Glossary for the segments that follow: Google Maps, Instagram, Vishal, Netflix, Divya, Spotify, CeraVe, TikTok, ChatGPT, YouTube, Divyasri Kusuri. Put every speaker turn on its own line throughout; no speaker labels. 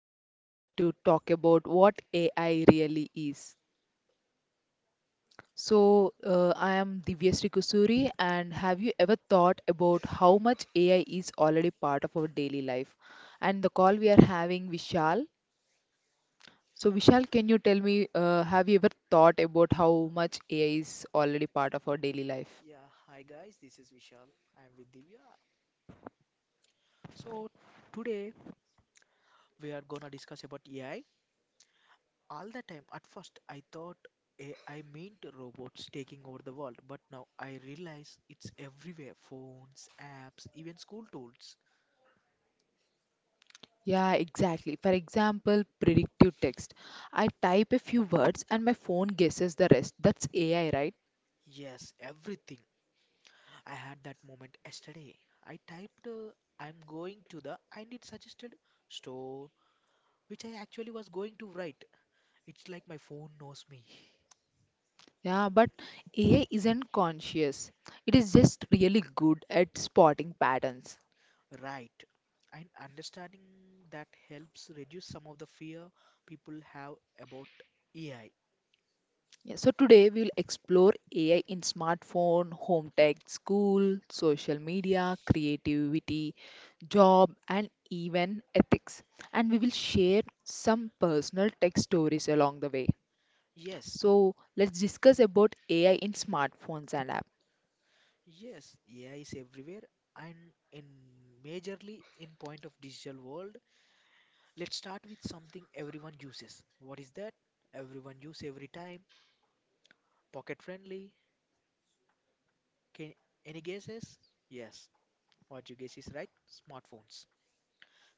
today we are going to talk about what AI really is. So, I am Divyasri Kusuri, and have you ever thought about how much AI is already part of our daily life? And the call we are having Vishal. So, Vishal, can you tell me, have you ever thought about how much AI is already part of our daily life?
Yeah, hi guys, this is Vishal. I'm with Divya. So today we are gonna discuss about AI. All the time, at first, I thought I meant robots taking over the world, but now I realize it's everywhere, phones, apps, even school tools.
Yeah, exactly. For example, predictive text. I type a few words and my phone guesses the rest. That's AI, right? Yeah, but AI isn't conscious. It is just really good at spotting patterns. Yeah, so today we will explore AI in smartphone, home tech, school, social media, creativity, job, and
Yes, everything. I
even
had that moment
ethics.
yesterday. I typed, I'm
And we
going to
will
the, and it
share
suggested store, which I
some
actually was going to write.
personal
It's like my
tech
phone knows me.
stories along the way. So let's
Right. And
discuss about
understanding that helps
AI
reduce some of the
in
fear people have about
smartphones and
AI.
app.
Yes, Yes, AI is everywhere and in majorly in point of digital world. Let's start with something everyone uses. What is that? Everyone use every time. Pocket friendly. Can any guesses? Yes. What you guess is right. Smartphones.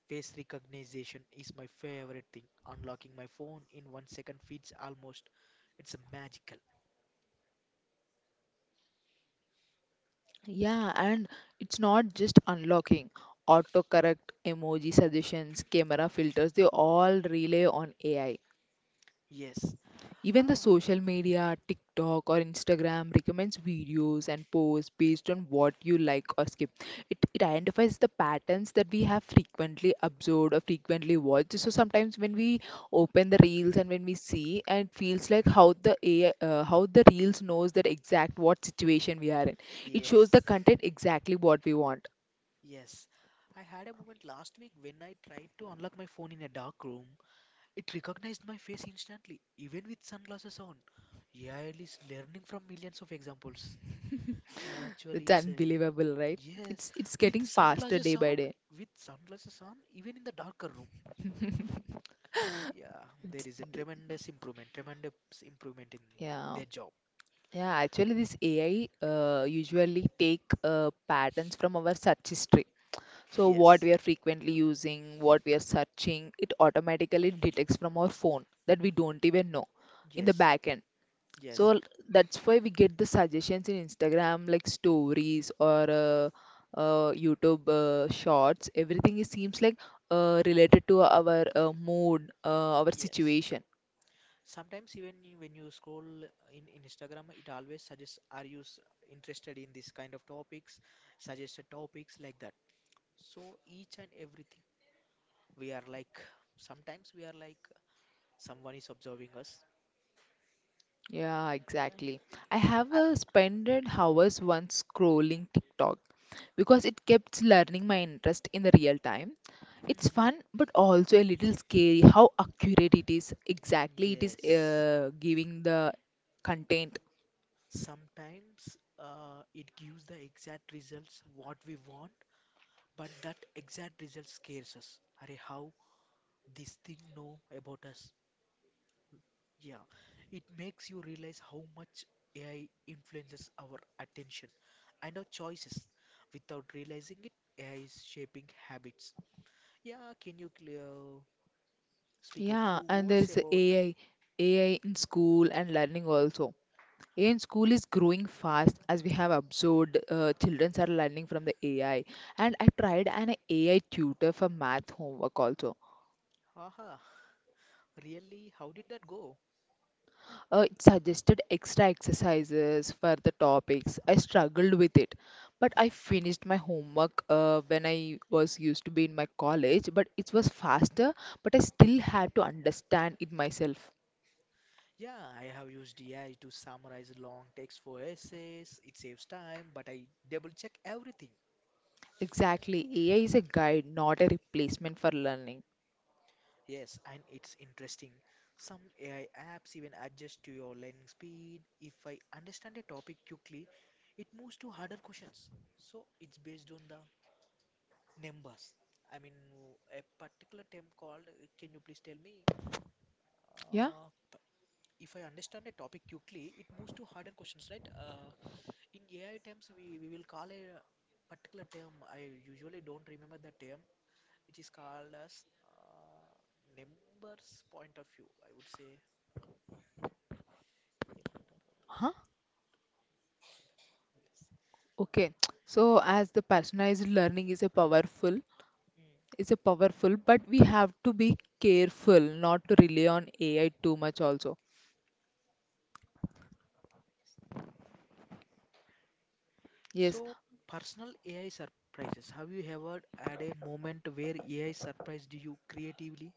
Face recognition is my favorite thing. Unlocking my phone in 1 second feels almost it's a magical.
Yeah, and it's not just unlocking. Autocorrect, emoji suggestions, camera filters, they all rely on AI.
Yes.
Even the
Ah,
social media, TikTok or Instagram recommends videos and posts based on what you like or skip. It identifies the patterns that we have frequently observed or frequently watched. So sometimes when we open the reels and when we see, and it feels like how the AI, how the reels knows that exact what situation we are in. It shows the
yes.
content exactly what we want.
Yes. I had a moment last week when I tried to unlock my phone in a dark room. It recognized my face instantly, even with sunglasses on. AI is learning from millions of examples. Actually,
That's
it's a
unbelievable, right?
Yes,
It's
with
getting faster
sunglasses
day by
on,
day.
with sunglasses on, even in the darker room. Yeah, there is a tremendous improvement in
Yeah.
their job.
Yeah, actually, this AI usually take patterns from our search history. So, what
Yes,
we are frequently using, what we are searching, it automatically detects from our phone that we don't even know in the
yes,
back end.
yes,
So that's why we get the suggestions in Instagram, like stories or YouTube shorts. Everything is, seems like related to our mood, our
yes.
situation.
Sometimes even when you scroll in Instagram, it always suggests, are interested in this kind of topics? Suggested topics like that. So each and everything we are like, sometimes we are like someone is observing us.
Yeah,
yeah
exactly. I have
I,
spent hours once scrolling TikTok because it kept learning my interest in the real time. It's
Mm.
fun, but also a little scary how accurate it is. Exactly, it is
Yes,
giving the content.
sometimes it gives the exact results what we want, but that exact result scares us, are how this thing know about us. Yeah, it makes you realize how much AI influences our attention and our choices. Without realizing it, AI is shaping habits. Yeah, can you clear speak a
Yeah,
few
and there
words
is
about?
AI in school and learning also. AI in school is growing fast as we have observed. Children are learning from the AI, and I tried an AI tutor for math homework also.
Aha, really? How did that go?
It suggested extra exercises for the topics. I struggled with it, but I finished my homework when I was used to be in my college. But it was faster, but I still had to understand it myself.
Yeah, I have used AI to summarize long text for essays. It saves time, but I double check everything.
Exactly, AI is a guide, not a replacement for learning.
Yes, and it's interesting. Some AI apps even adjust to your learning speed. If I understand a topic quickly, it moves to harder questions. So it's based on the numbers. I mean, a particular term called, can you please tell me?
Yeah.
Uh, p- if I understand a topic quickly, it moves to harder questions, right? In AI terms, we will call a particular term. I usually don't remember the term, which is called as numbers point of view, I would say. ఏమంటారు?
Huh?
Let's see.
Okay. So as the personalized learning is a powerful,
Mm.
is a powerful, but we have to be careful not to rely on AI too much also. Yes.
So, personal AI surprises. Have you ever had a moment where AI surprised you creatively?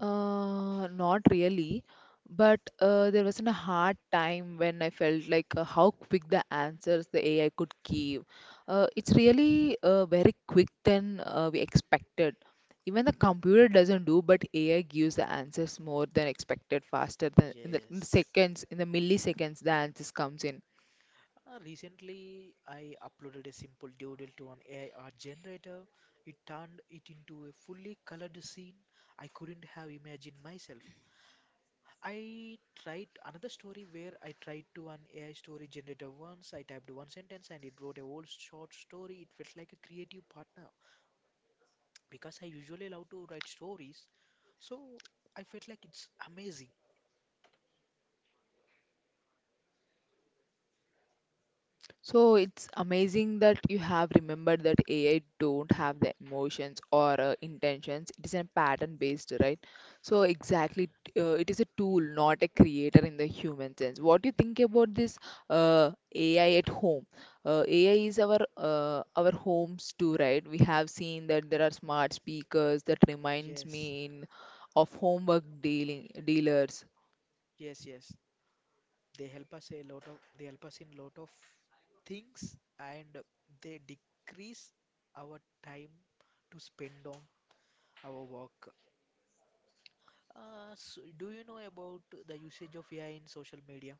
Not really, but there wasn't a hard time when I felt like how quick the answers the AI could give. It's really very quick than we expected. Even the computer doesn't do, but AI gives the answers more than expected, faster than in the
Yes.
seconds, in the milliseconds, the answers comes in.
Recently, I uploaded a simple doodle to an AI art generator. It turned it into a fully colored scene I couldn't have imagined myself. I tried another story where I tried to an AI story generator once. I typed one sentence and it wrote a whole short story. It felt like a creative partner because I usually love to write stories. So I felt like it's amazing.
So it's amazing that you have remembered that AI don't have the emotions or intentions. It is a pattern based, right? So exactly, it is a tool, not a creator in the human sense. What do you think about this AI at home? AI is our homes too, right? We have seen that there are smart speakers that reminds
Yes,
me in, of homework dealing dealers.
yes. They help us in lot of things, and they decrease our time to spend on our work. So do you know about the usage of AI in social media?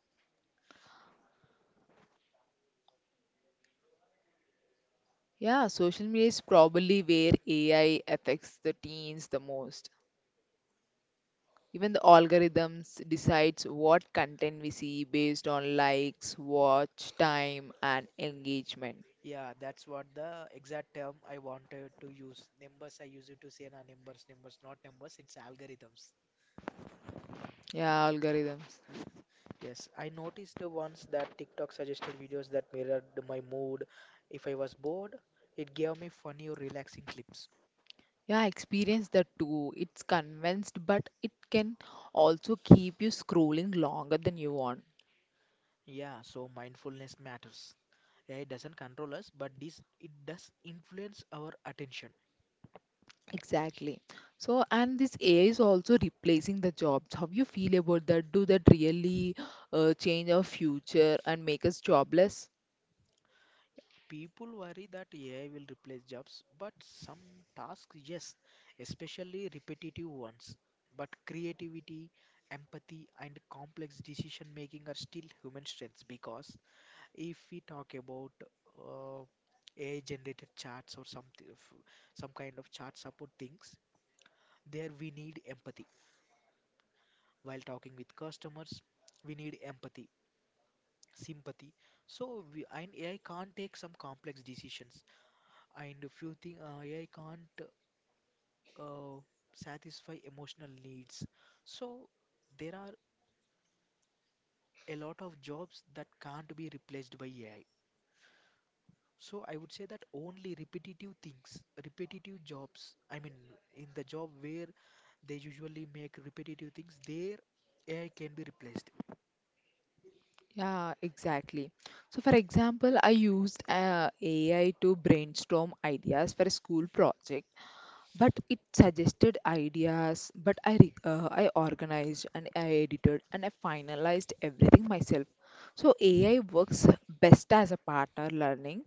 Yeah, social media is probably where AI affects the teens the most. Even the algorithms decides what content we see based on likes, watch time and engagement.
Yeah, that's what the exact term I wanted to use. Numbers, I use it to say na numbers, numbers, not numbers, it's algorithms.
Yeah, algorithms.
Yes, I noticed the ones that TikTok suggested videos that mirrored my mood. If I was bored, it gave me funny or relaxing clips.
Yeah, I experienced that too. It's convinced, but it can also keep you scrolling longer than you want.
Yeah, so mindfulness matters. AI doesn't control us, but this it does influence our attention.
Exactly. So, and this AI is also replacing the jobs. How you feel about that? Do that really change our future and make us jobless?
People worry that AI will replace jobs, but some tasks, yes, especially repetitive ones. But creativity, empathy, and complex decision making are still human strengths, because if we talk about uh, AI generated charts or something, some kind of chart support things, there we need empathy. While talking with customers, we need empathy, sympathy. So we, and AI can't take some complex decisions. And if you think AI can't uh, satisfy emotional needs, so there are a lot of jobs that can't be replaced by AI. So I would say that only repetitive things, repetitive jobs, I mean, in the job where they usually make repetitive things, there AI can be replaced.
Yeah, exactly. So, for example, I used AI to brainstorm ideas for a school project, but it suggested ideas, but I organized and I edited and I finalized everything myself. So, AI works best as a partner learning.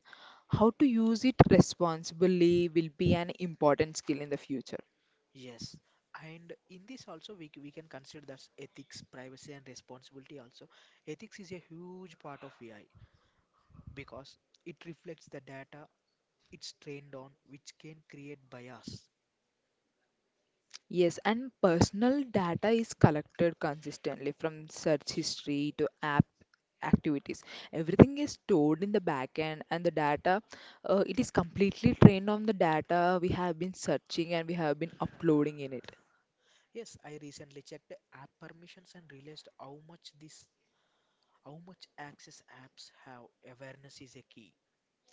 How to use it responsibly will be an important skill in the future.
Yes. And in this also we can consider that's ethics, privacy and responsibility also. Ethics is a huge part of AI because it reflects the data it's trained on, which can create bias.
Yes, and personal data is collected consistently from search history to app activities. Everything is stored in the backend, and the data it is completely trained on the data we have been searching and we have been uploading in it.
Yes, I recently checked app permissions and realized how much access apps have. Awareness is a key.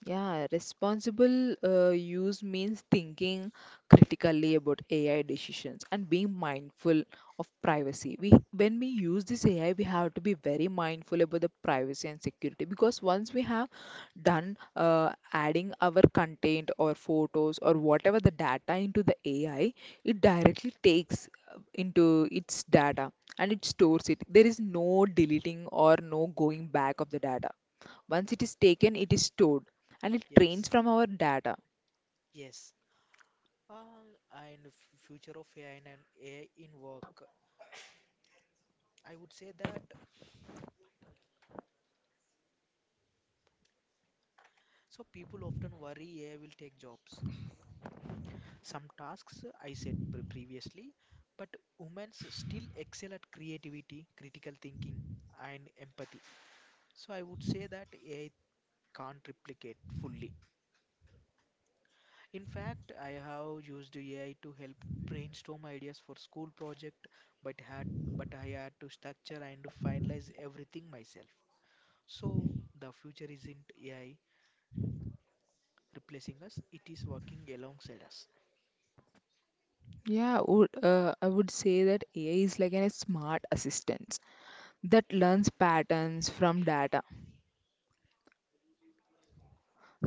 Yeah, responsible use means thinking critically about AI decisions and being mindful of privacy. When we use this AI, we have to be very mindful about the privacy and security because once we have done adding our content or photos or whatever the data into the AI, it directly takes into its data and it stores it. There is no deleting or no going back of the data once it is taken it is stored and it trains
Yes,
from our data.
yes. And future of AI, and AI in work. I would say that so people often worry AI will take jobs. Some tasks I said previously, but women still excel at creativity, critical thinking, and empathy. So I would say that AI can't replicate fully. In fact, I have used AI to help brainstorm ideas for school project, but had but I had to structure and finalize everything myself. So the future isn't AI replacing us; it is working alongside us.
Yeah, I would say that AI is like a smart assistant that learns patterns from data.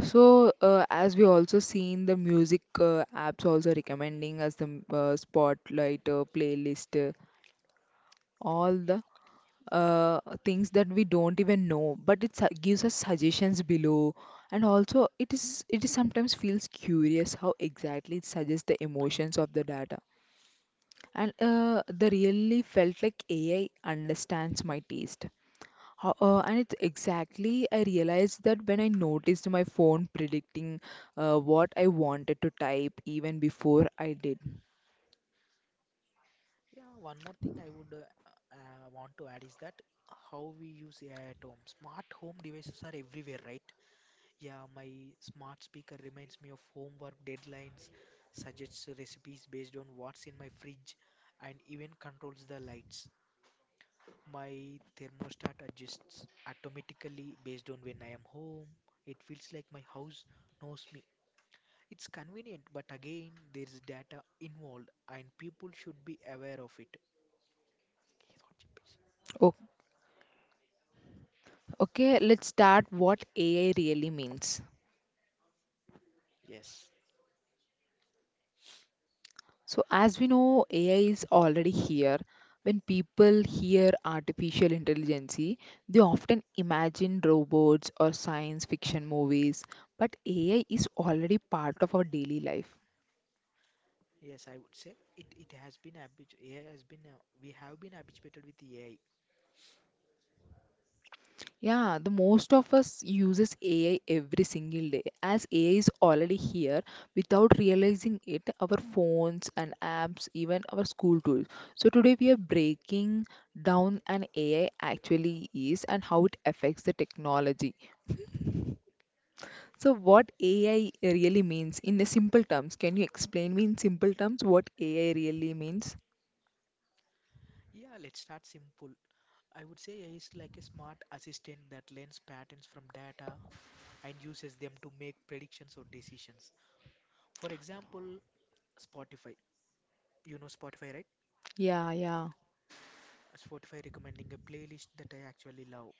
So, as we also seen, the music apps also recommending us the spotlight, playlist, all the things that we don't even know, but it gives us suggestions below. And also, it is sometimes feels curious how exactly it suggests the emotions of the data. And they really felt like AI understands my taste. And it's exactly I realized that when I noticed my phone predicting what I wanted to type even before I did.
Yeah, one more thing I would want to add is that how we use AI at home. Smart home devices are everywhere, right? Yeah, my smart speaker reminds me of homework deadlines, suggests recipes based on what's in my fridge, and even controls the lights. My thermostat adjusts automatically based on when I am home. It feels like my house knows me. It's convenient, but again, there's data involved, and people should be aware of it.
O- okay, let's start what AI really means.
Yes,
So, as we know, AI is already here. When people hear artificial intelligence, they often imagine robots or science fiction movies, but AI is already part of our daily life.
yes, I would say it. It has been habit. AI has been. We have been habituated with AI.
Yeah, the most of us uses AI every single day. As AI is already here, without realizing it, our phones and apps, even our school tools. So today we are breaking down an AI actually is and how it affects the technology. So, what AI really means in the simple terms? Can you explain me in simple terms what AI really means?
Yeah, let's start simple. I would say AI is like a smart assistant that learns patterns from data and uses them to make predictions or decisions. For example, Spotify. You know Spotify, right?
Yeah, yeah,
Spotify recommending a playlist that I actually love.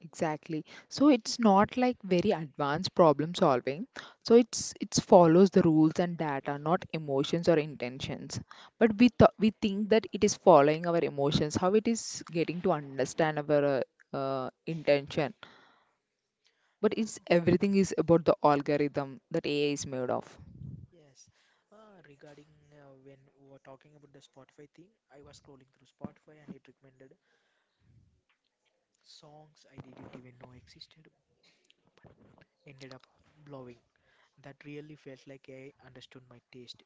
exactly. So it's not like very advanced problem solving. So it follows the rules and data, not emotions or intentions. But we think that it is following our emotions, how it is getting to understand our intention. But
Yeah,
it's everything is about the algorithm that AI is made of.
yes. Regarding when we were talking about the Spotify thing, I was scrolling through Spotify and it recommended songs I didn't even know existed. Ended up blowing. That really felt like I understood my taste.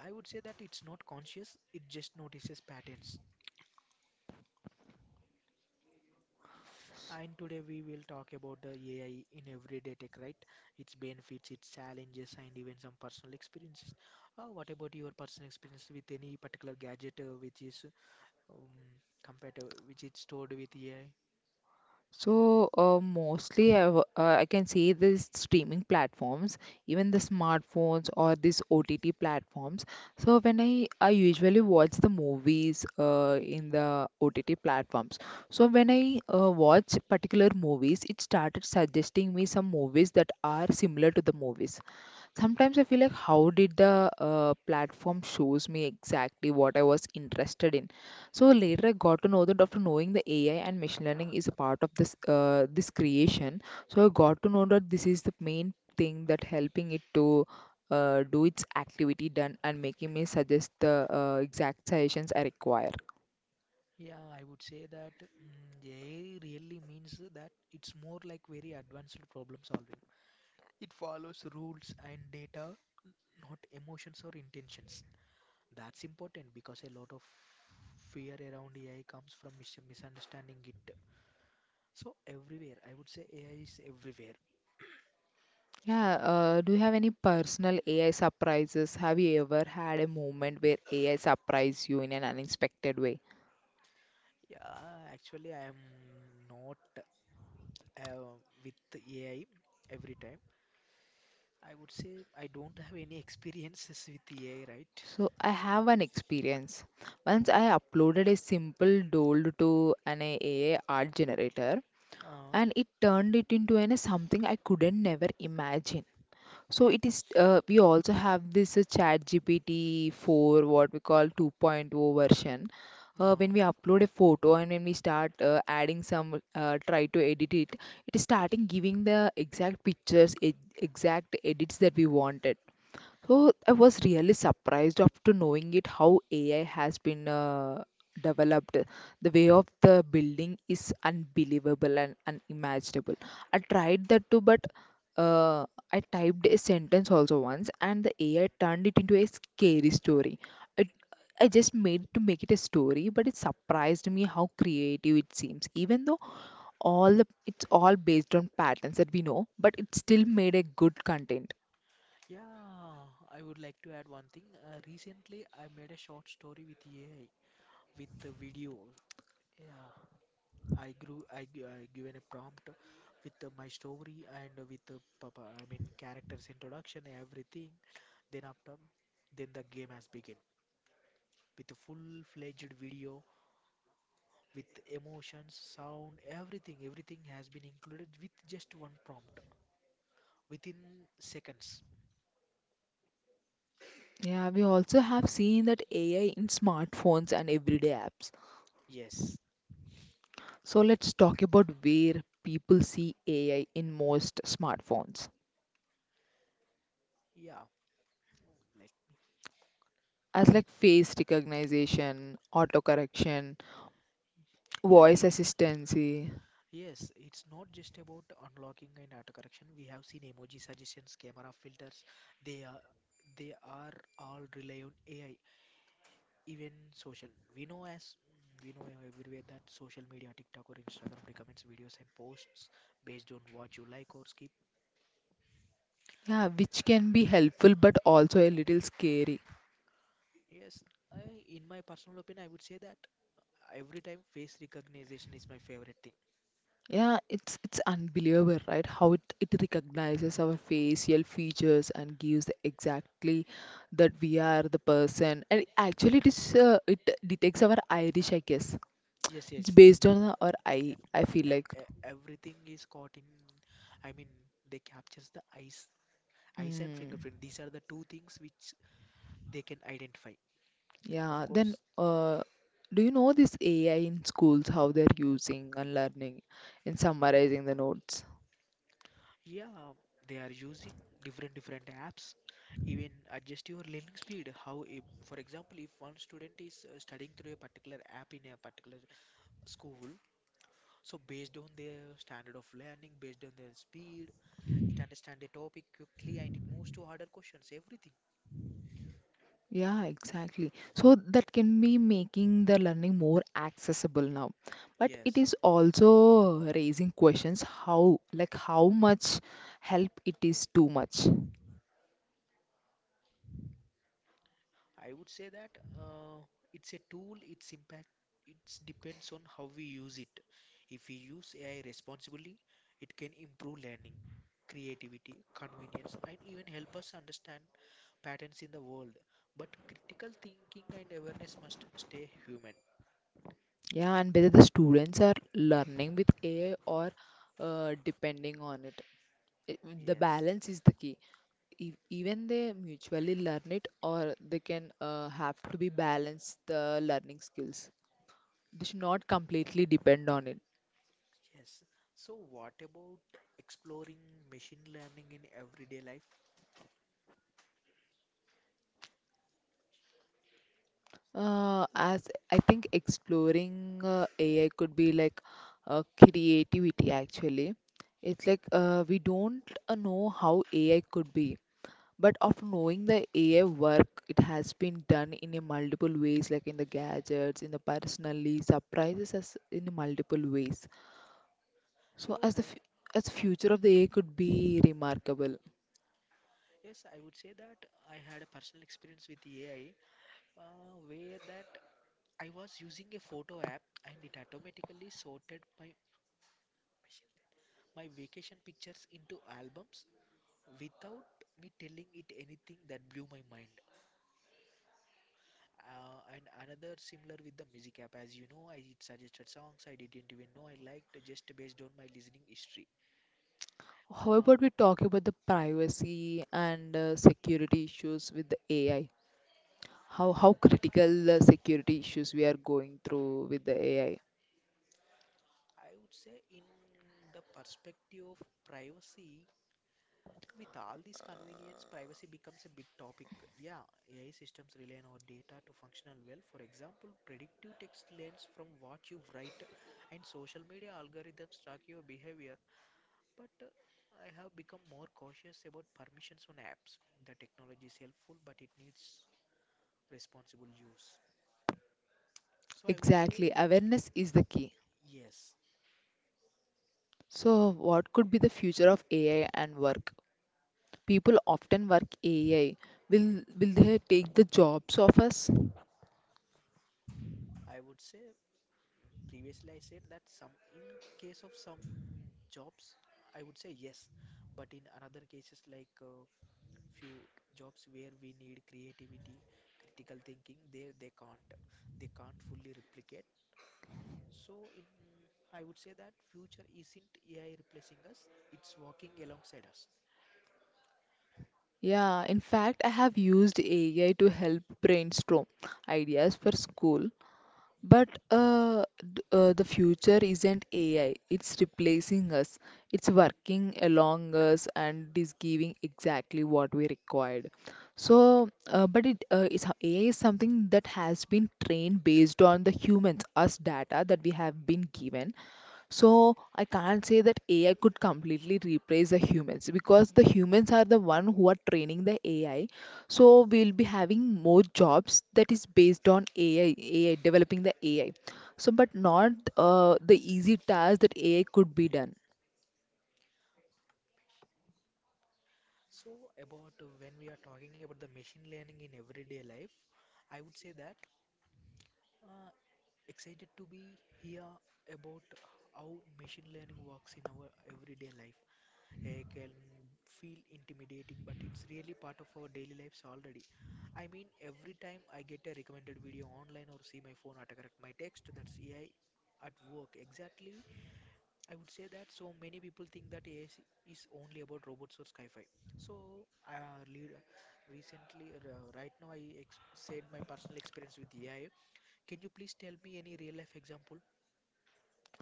I would say that it's not conscious, it just notices patterns. And today we will talk about the AI in everyday tech, right? Its benefits, its challenges, and even some personal experiences. What about your personal experience with any particular gadget which is um, compared to which is stored with AI?
So, mostly I can say these streaming platforms, even the smartphones or these OTT platforms. So, when I usually watch the movies in the OTT platforms. So, when I watch particular movies, it started suggesting me some movies that are similar to the movies. Sometimes I feel like how did the platform shows me exactly what I was interested in. So later I got to know that after knowing the AI and machine learning is a part of this creation. So I got to know that this is the main thing that helping it to do its activity done and making me suggest the exact suggestions I require.
Yeah, I would say that mm AI really means that it's more like very advanced problem solving. It follows rules and data, not emotions or intentions. That's important because a lot of fear around AI comes from mis misunderstanding it. So everywhere, I would say AI is everywhere.
Yeah, do you have any personal AI surprises? Have you ever had a moment where AI surprised you in an unexpected way?
Yeah, actually, I am not uh, with AI every time. I would say I don't have any experiences with AI, right?
So I have an experience. Once
Okay.
I uploaded a simple doll to an AI art generator
Uh,
and it turned it into something I couldn't never imagine. So it is we also have this chat GPT 4 what we call 2.0 version. When we
uh,
upload a photo and when we start adding some try to edit it, it is starting giving the exact pictures, exact edits that we wanted. So I was really surprised after knowing it how AI has been developed. The way of the building is unbelievable and unimaginable. I tried that too, but uh, I typed a sentence also once, and the AI turned it into a scary story. It, I just made to make it a story, but it surprised me how creative it seems. Even though it's all based on patterns that we know, but it still made a good content.
yeah, I would like to add one thing. Recently, I made a short story with AI, with the video. Yeah, I grew, I, gi- I given a prompt with my story and with the papa, I mean characters introduction, everything. Then after, then the game has begun with a full-fledged video with emotions, sound, everything. Everything has been included with just one prompt within seconds.
Yeah, we also have seen that AI in smartphones and everyday apps.
Yes.
So let's talk about where people see AI in most smartphones.
Yeah. Let me
As like face recognition, autocorrection,
finish. Yeah,
voice
it's
assistancy.
Yes, it's not just about unlocking and autocorrection. We have seen emoji suggestions, camera filters. They are they are all rely on AI. Even social, we know as we know everywhere, that social media TikTok or Instagram recommends videos and posts based on what you like or skip.
Yeah, which can be helpful but also a little scary.
Yes, in my personal opinion I would say that every time face recognition is my favorite thing.
Yeah, it's unbelievable, right? How it recognizes our facial features and gives the exactly that we are the person. And actually, it detects our iris, I guess.
Yes,
It's
yes,
based on our eye.
that-
I feel like,
everything is caught in, I mean, they captures the eyes, eyes and
mm,
fingerprint, these are the two things which they can identify. Of
yeah. Then,
course.
do you know this AI in schools? How they're using and learning in summarizing the notes?
Yeah, they are using different different apps. Even adjust your learning speed. How, if, for example, if one student is studying through a particular app in a particular school, so based on their standard of learning, based on their speed, it understand a topic quickly and it moves to harder questions. Everything.
Yeah, exactly. So that can be making the learning more accessible now. But it
Yes,
is also raising questions how, like how much help it is too much.
I would say that uh, it's a tool, its impact, it depends on how we use it. If we use AI responsibly, it can improve learning, creativity, convenience, and even help us understand patterns in the world. But critical thinking and awareness must stay human.
Yeah, and whether the students are learning with AI or depending on it. I- The
Yes.
balance is the key. Even they mutually learn it or they can have to be balanced the learning skills. They should not completely depend on it.
Yes. So, what about exploring machine learning in everyday life?
As I think exploring AI could be like creativity actually. It's like we don't know how AI could be, but after knowing the AI work, it has been done in a multiple ways, like in the gadgets, in the personally surprises us in multiple ways. So
So, I,
as the future of the AI could be remarkable.
yes, I would say that I had a personal experience with AI, where that I was using a photo app and it automatically sorted my vacation pictures into albums without me telling it anything. That blew my mind. And another similar with the music app, as you know, I suggested songs I didn't even know I liked just based on my listening history.
How
Uh,
about we talk about the privacy and security issues with the AI? How critical security issues we are going through with the AI.
I would say, in the perspective of privacy, with all this convenience, privacy becomes a big topic. Yeah, AI systems rely on our data to functional well. For example, predictive text learns from what you write, and social media algorithms track your behavior. But I have become more cautious about permissions on apps. The technology is helpful, but it needs responsible use. So I would
Exactly,
say
awareness is the key.
yes.
So, what could be the future of AI and work? People often work AI. Will they take the jobs of us?
I would say previously I said that some in case of some jobs, I would say yes. But in another cases like few jobs where we need creativity, critical thinking, there they can't. They can't fully replicate. So in I would say that future isn't AI replacing us, it's walking alongside us.
Yeah, in fact, I have used AI to help brainstorm ideas for school. But the future isn't AI, it's replacing us. It's working along us and it is giving exactly what we required. So, but it is AI is something that has been trained based on the humans, us data that we have been given, so I can't say that AI could completely replace the humans because the humans are the one who are training the AI. So we'll be having more jobs that is based on AI, AI developing the AI. So but not the easy task that AI could be done
So about when we are talking about the machine learning in everyday life, I would say that uh, excited to be here about how machine learning works in our everyday life. Can feel intimidating, but it's really part of our daily lives already. I mean, every time I get a recommended video online or see my phone autocorrect my text, that's AI at work. Exactly, I would say that. So many people think that AI is only about robots or sci-fi. So, uh, lead, right now, I ex said my personal experience with AI. Can you please tell me any real life example?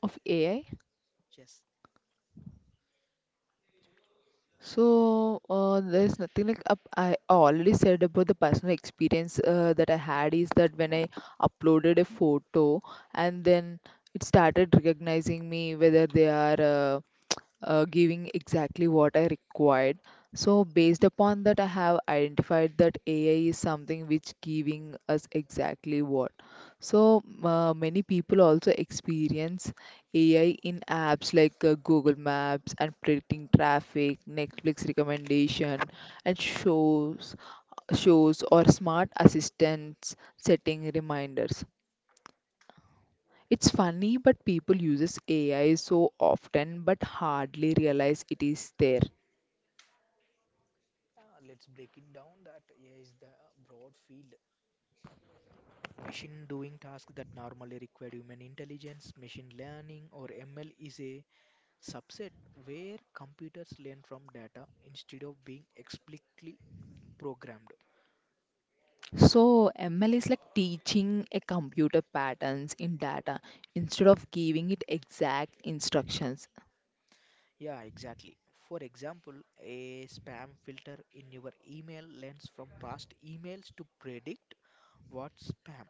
of AI.
Yes.
So there's nothing like up. I already said about the personal experience that I had is that when I uploaded a photo and then it started recognizing me whether they are giving exactly what I required. So based upon that, I have identified that AI is something which giving us exactly what. So many people also experience AI in apps like Google Maps and predicting traffic, Netflix recommendation, and shows or smart assistants setting reminders. It's funny, but people uses AI so often but hardly realize it is there.
Let's break it down that AI is the broad field. Machine doing tasks that normally require human intelligence, machine learning or ML is a subset where computers learn from data instead of being explicitly programmed.
So ML is like teaching a computer patterns in data instead of giving it exact instructions.
Yeah, exactly. For example, a spam filter in your email learns from past emails to predict what's spam.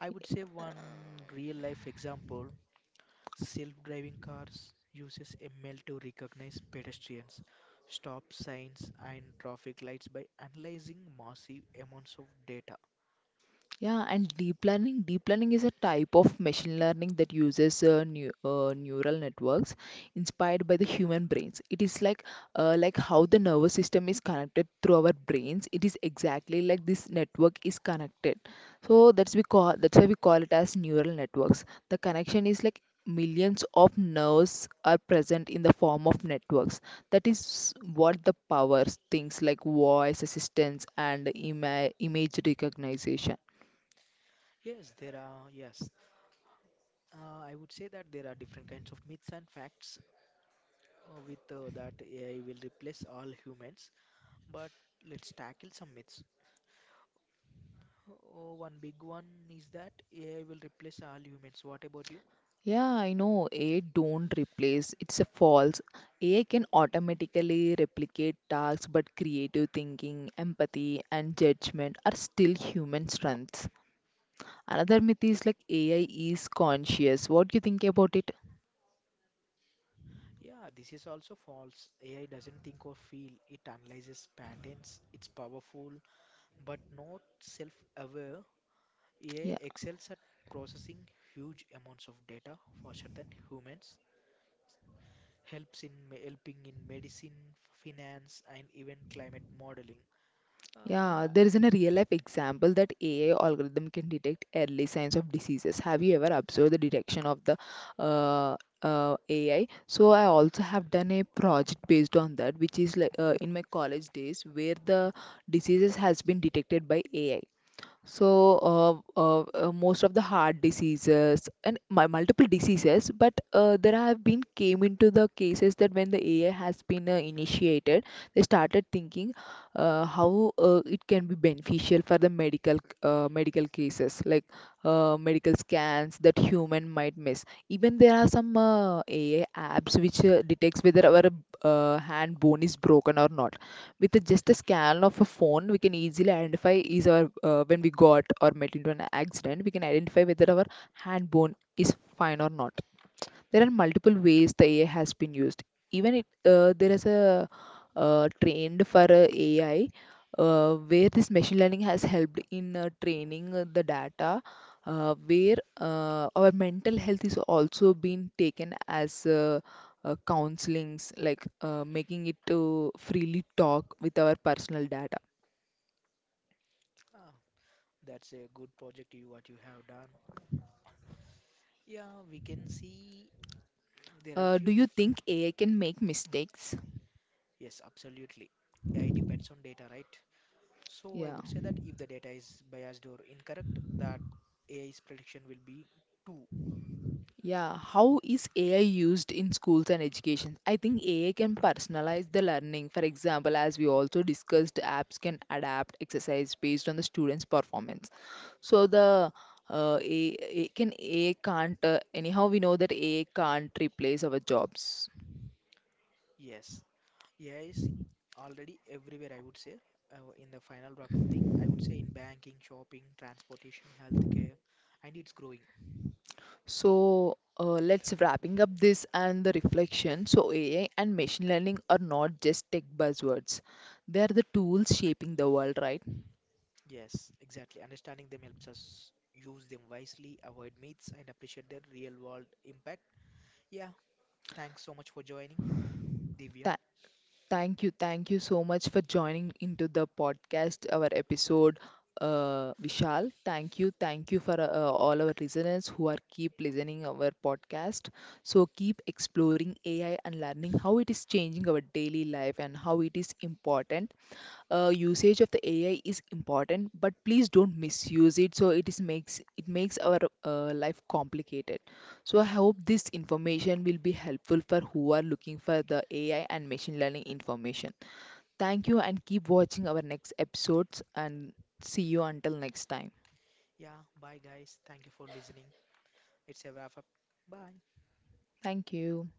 I would say one real life example: self-driving cars uses ML to recognize pedestrians, stop signs and traffic lights by analyzing massive amounts of data.
Yeah, and deep learning. Deep learning is a type of machine learning that uses neural networks inspired by the human brains. It is like how the nervous system is connected through our brains. It is exactly like this network is connected. So that's why we call it as neural networks. The connection is like millions of nerves are present in the form of networks. That is what the powers things like voice assistance and image recognition.
Yes, there are, yes. I would say that there are different kinds of myths and facts with that AI will replace all humans, but let's tackle some myths. Oh, one big one is that AI will replace all humans. What about you?
Yeah, I know AI don't replace. It's a false. AI can automatically replicate tasks, but creative thinking, empathy, and judgment are still human strengths. Another myth is like AI is conscious. What do you think about it?
Yeah, this is also false. AI doesn't think or feel. It analyzes patterns. It's powerful but not self aware. AI excels at processing huge amounts of data faster than humans, helping in medicine, finance, and even climate modeling.
Yeah,
Uh,
there is a real life example that AI algorithm can detect early signs of diseases. Have you ever observed the detection of the AI? So I also have done a project based on that, which is like in my college days where the diseases has been detected by AI, so most of the heart diseases and my multiple diseases, but there have been came into the cases that when the AI has been initiated, they started thinking how it can be beneficial for the medical medical cases, like medical scans that human might miss. Even there are some AI apps which detects whether our hand bone is broken or not. With just a scan of a phone we can easily identify, is our when we got or met into an accident, we can identify whether our hand bone is fine or not. There are multiple ways the AI has been used. Even there is a trend for AI, where this machine learning has helped in training the data, where our mental health is also being taken as counselings, like making it to freely talk with our personal data.
ah, that's a good project you what you have done. Yeah, we can see there are
Uh, do you
few.
think AI can make mistakes?
Yes, absolutely. AI depends on data, right? So I
Yeah.
would say that if the data is biased or incorrect, that AI's prediction will be two.
Yeah, how is AI used in schools and education? I think AI can personalize the learning. For example, as we also discussed, apps can adapt exercise based on the student's performance. So the A- can AI can't, anyhow we know that AI can't replace our jobs.
Yes, AI is already everywhere, I would say. In the final wrap-up thing, I would say in banking, shopping, transportation, healthcare, and it's growing.
So let's wrapping up this and the reflection. So AI and machine learning are not just tech buzzwords; they are the tools shaping the world, right?
Yes, exactly. Understanding them helps us use them wisely, avoid myths, and appreciate their real-world impact. Yeah, thanks so much for joining, Divya.
Tha- Thank you. Thank you so much for joining into the podcast, our episode, Vishal. Thank you. Thank you for all our listeners who are keep listening our podcast. So keep exploring AI and learning how it is changing our daily life and how it is important, usage of the AI is important, but please don't misuse it. So it is makes our life complicated. So I hope this information will be helpful for who are looking for the AI and machine learning information. Thank you and keep watching our next episodes, and see you until next time.
Yeah, bye guys. Thank you for listening. It's a wrap-up. Bye.
Thank you.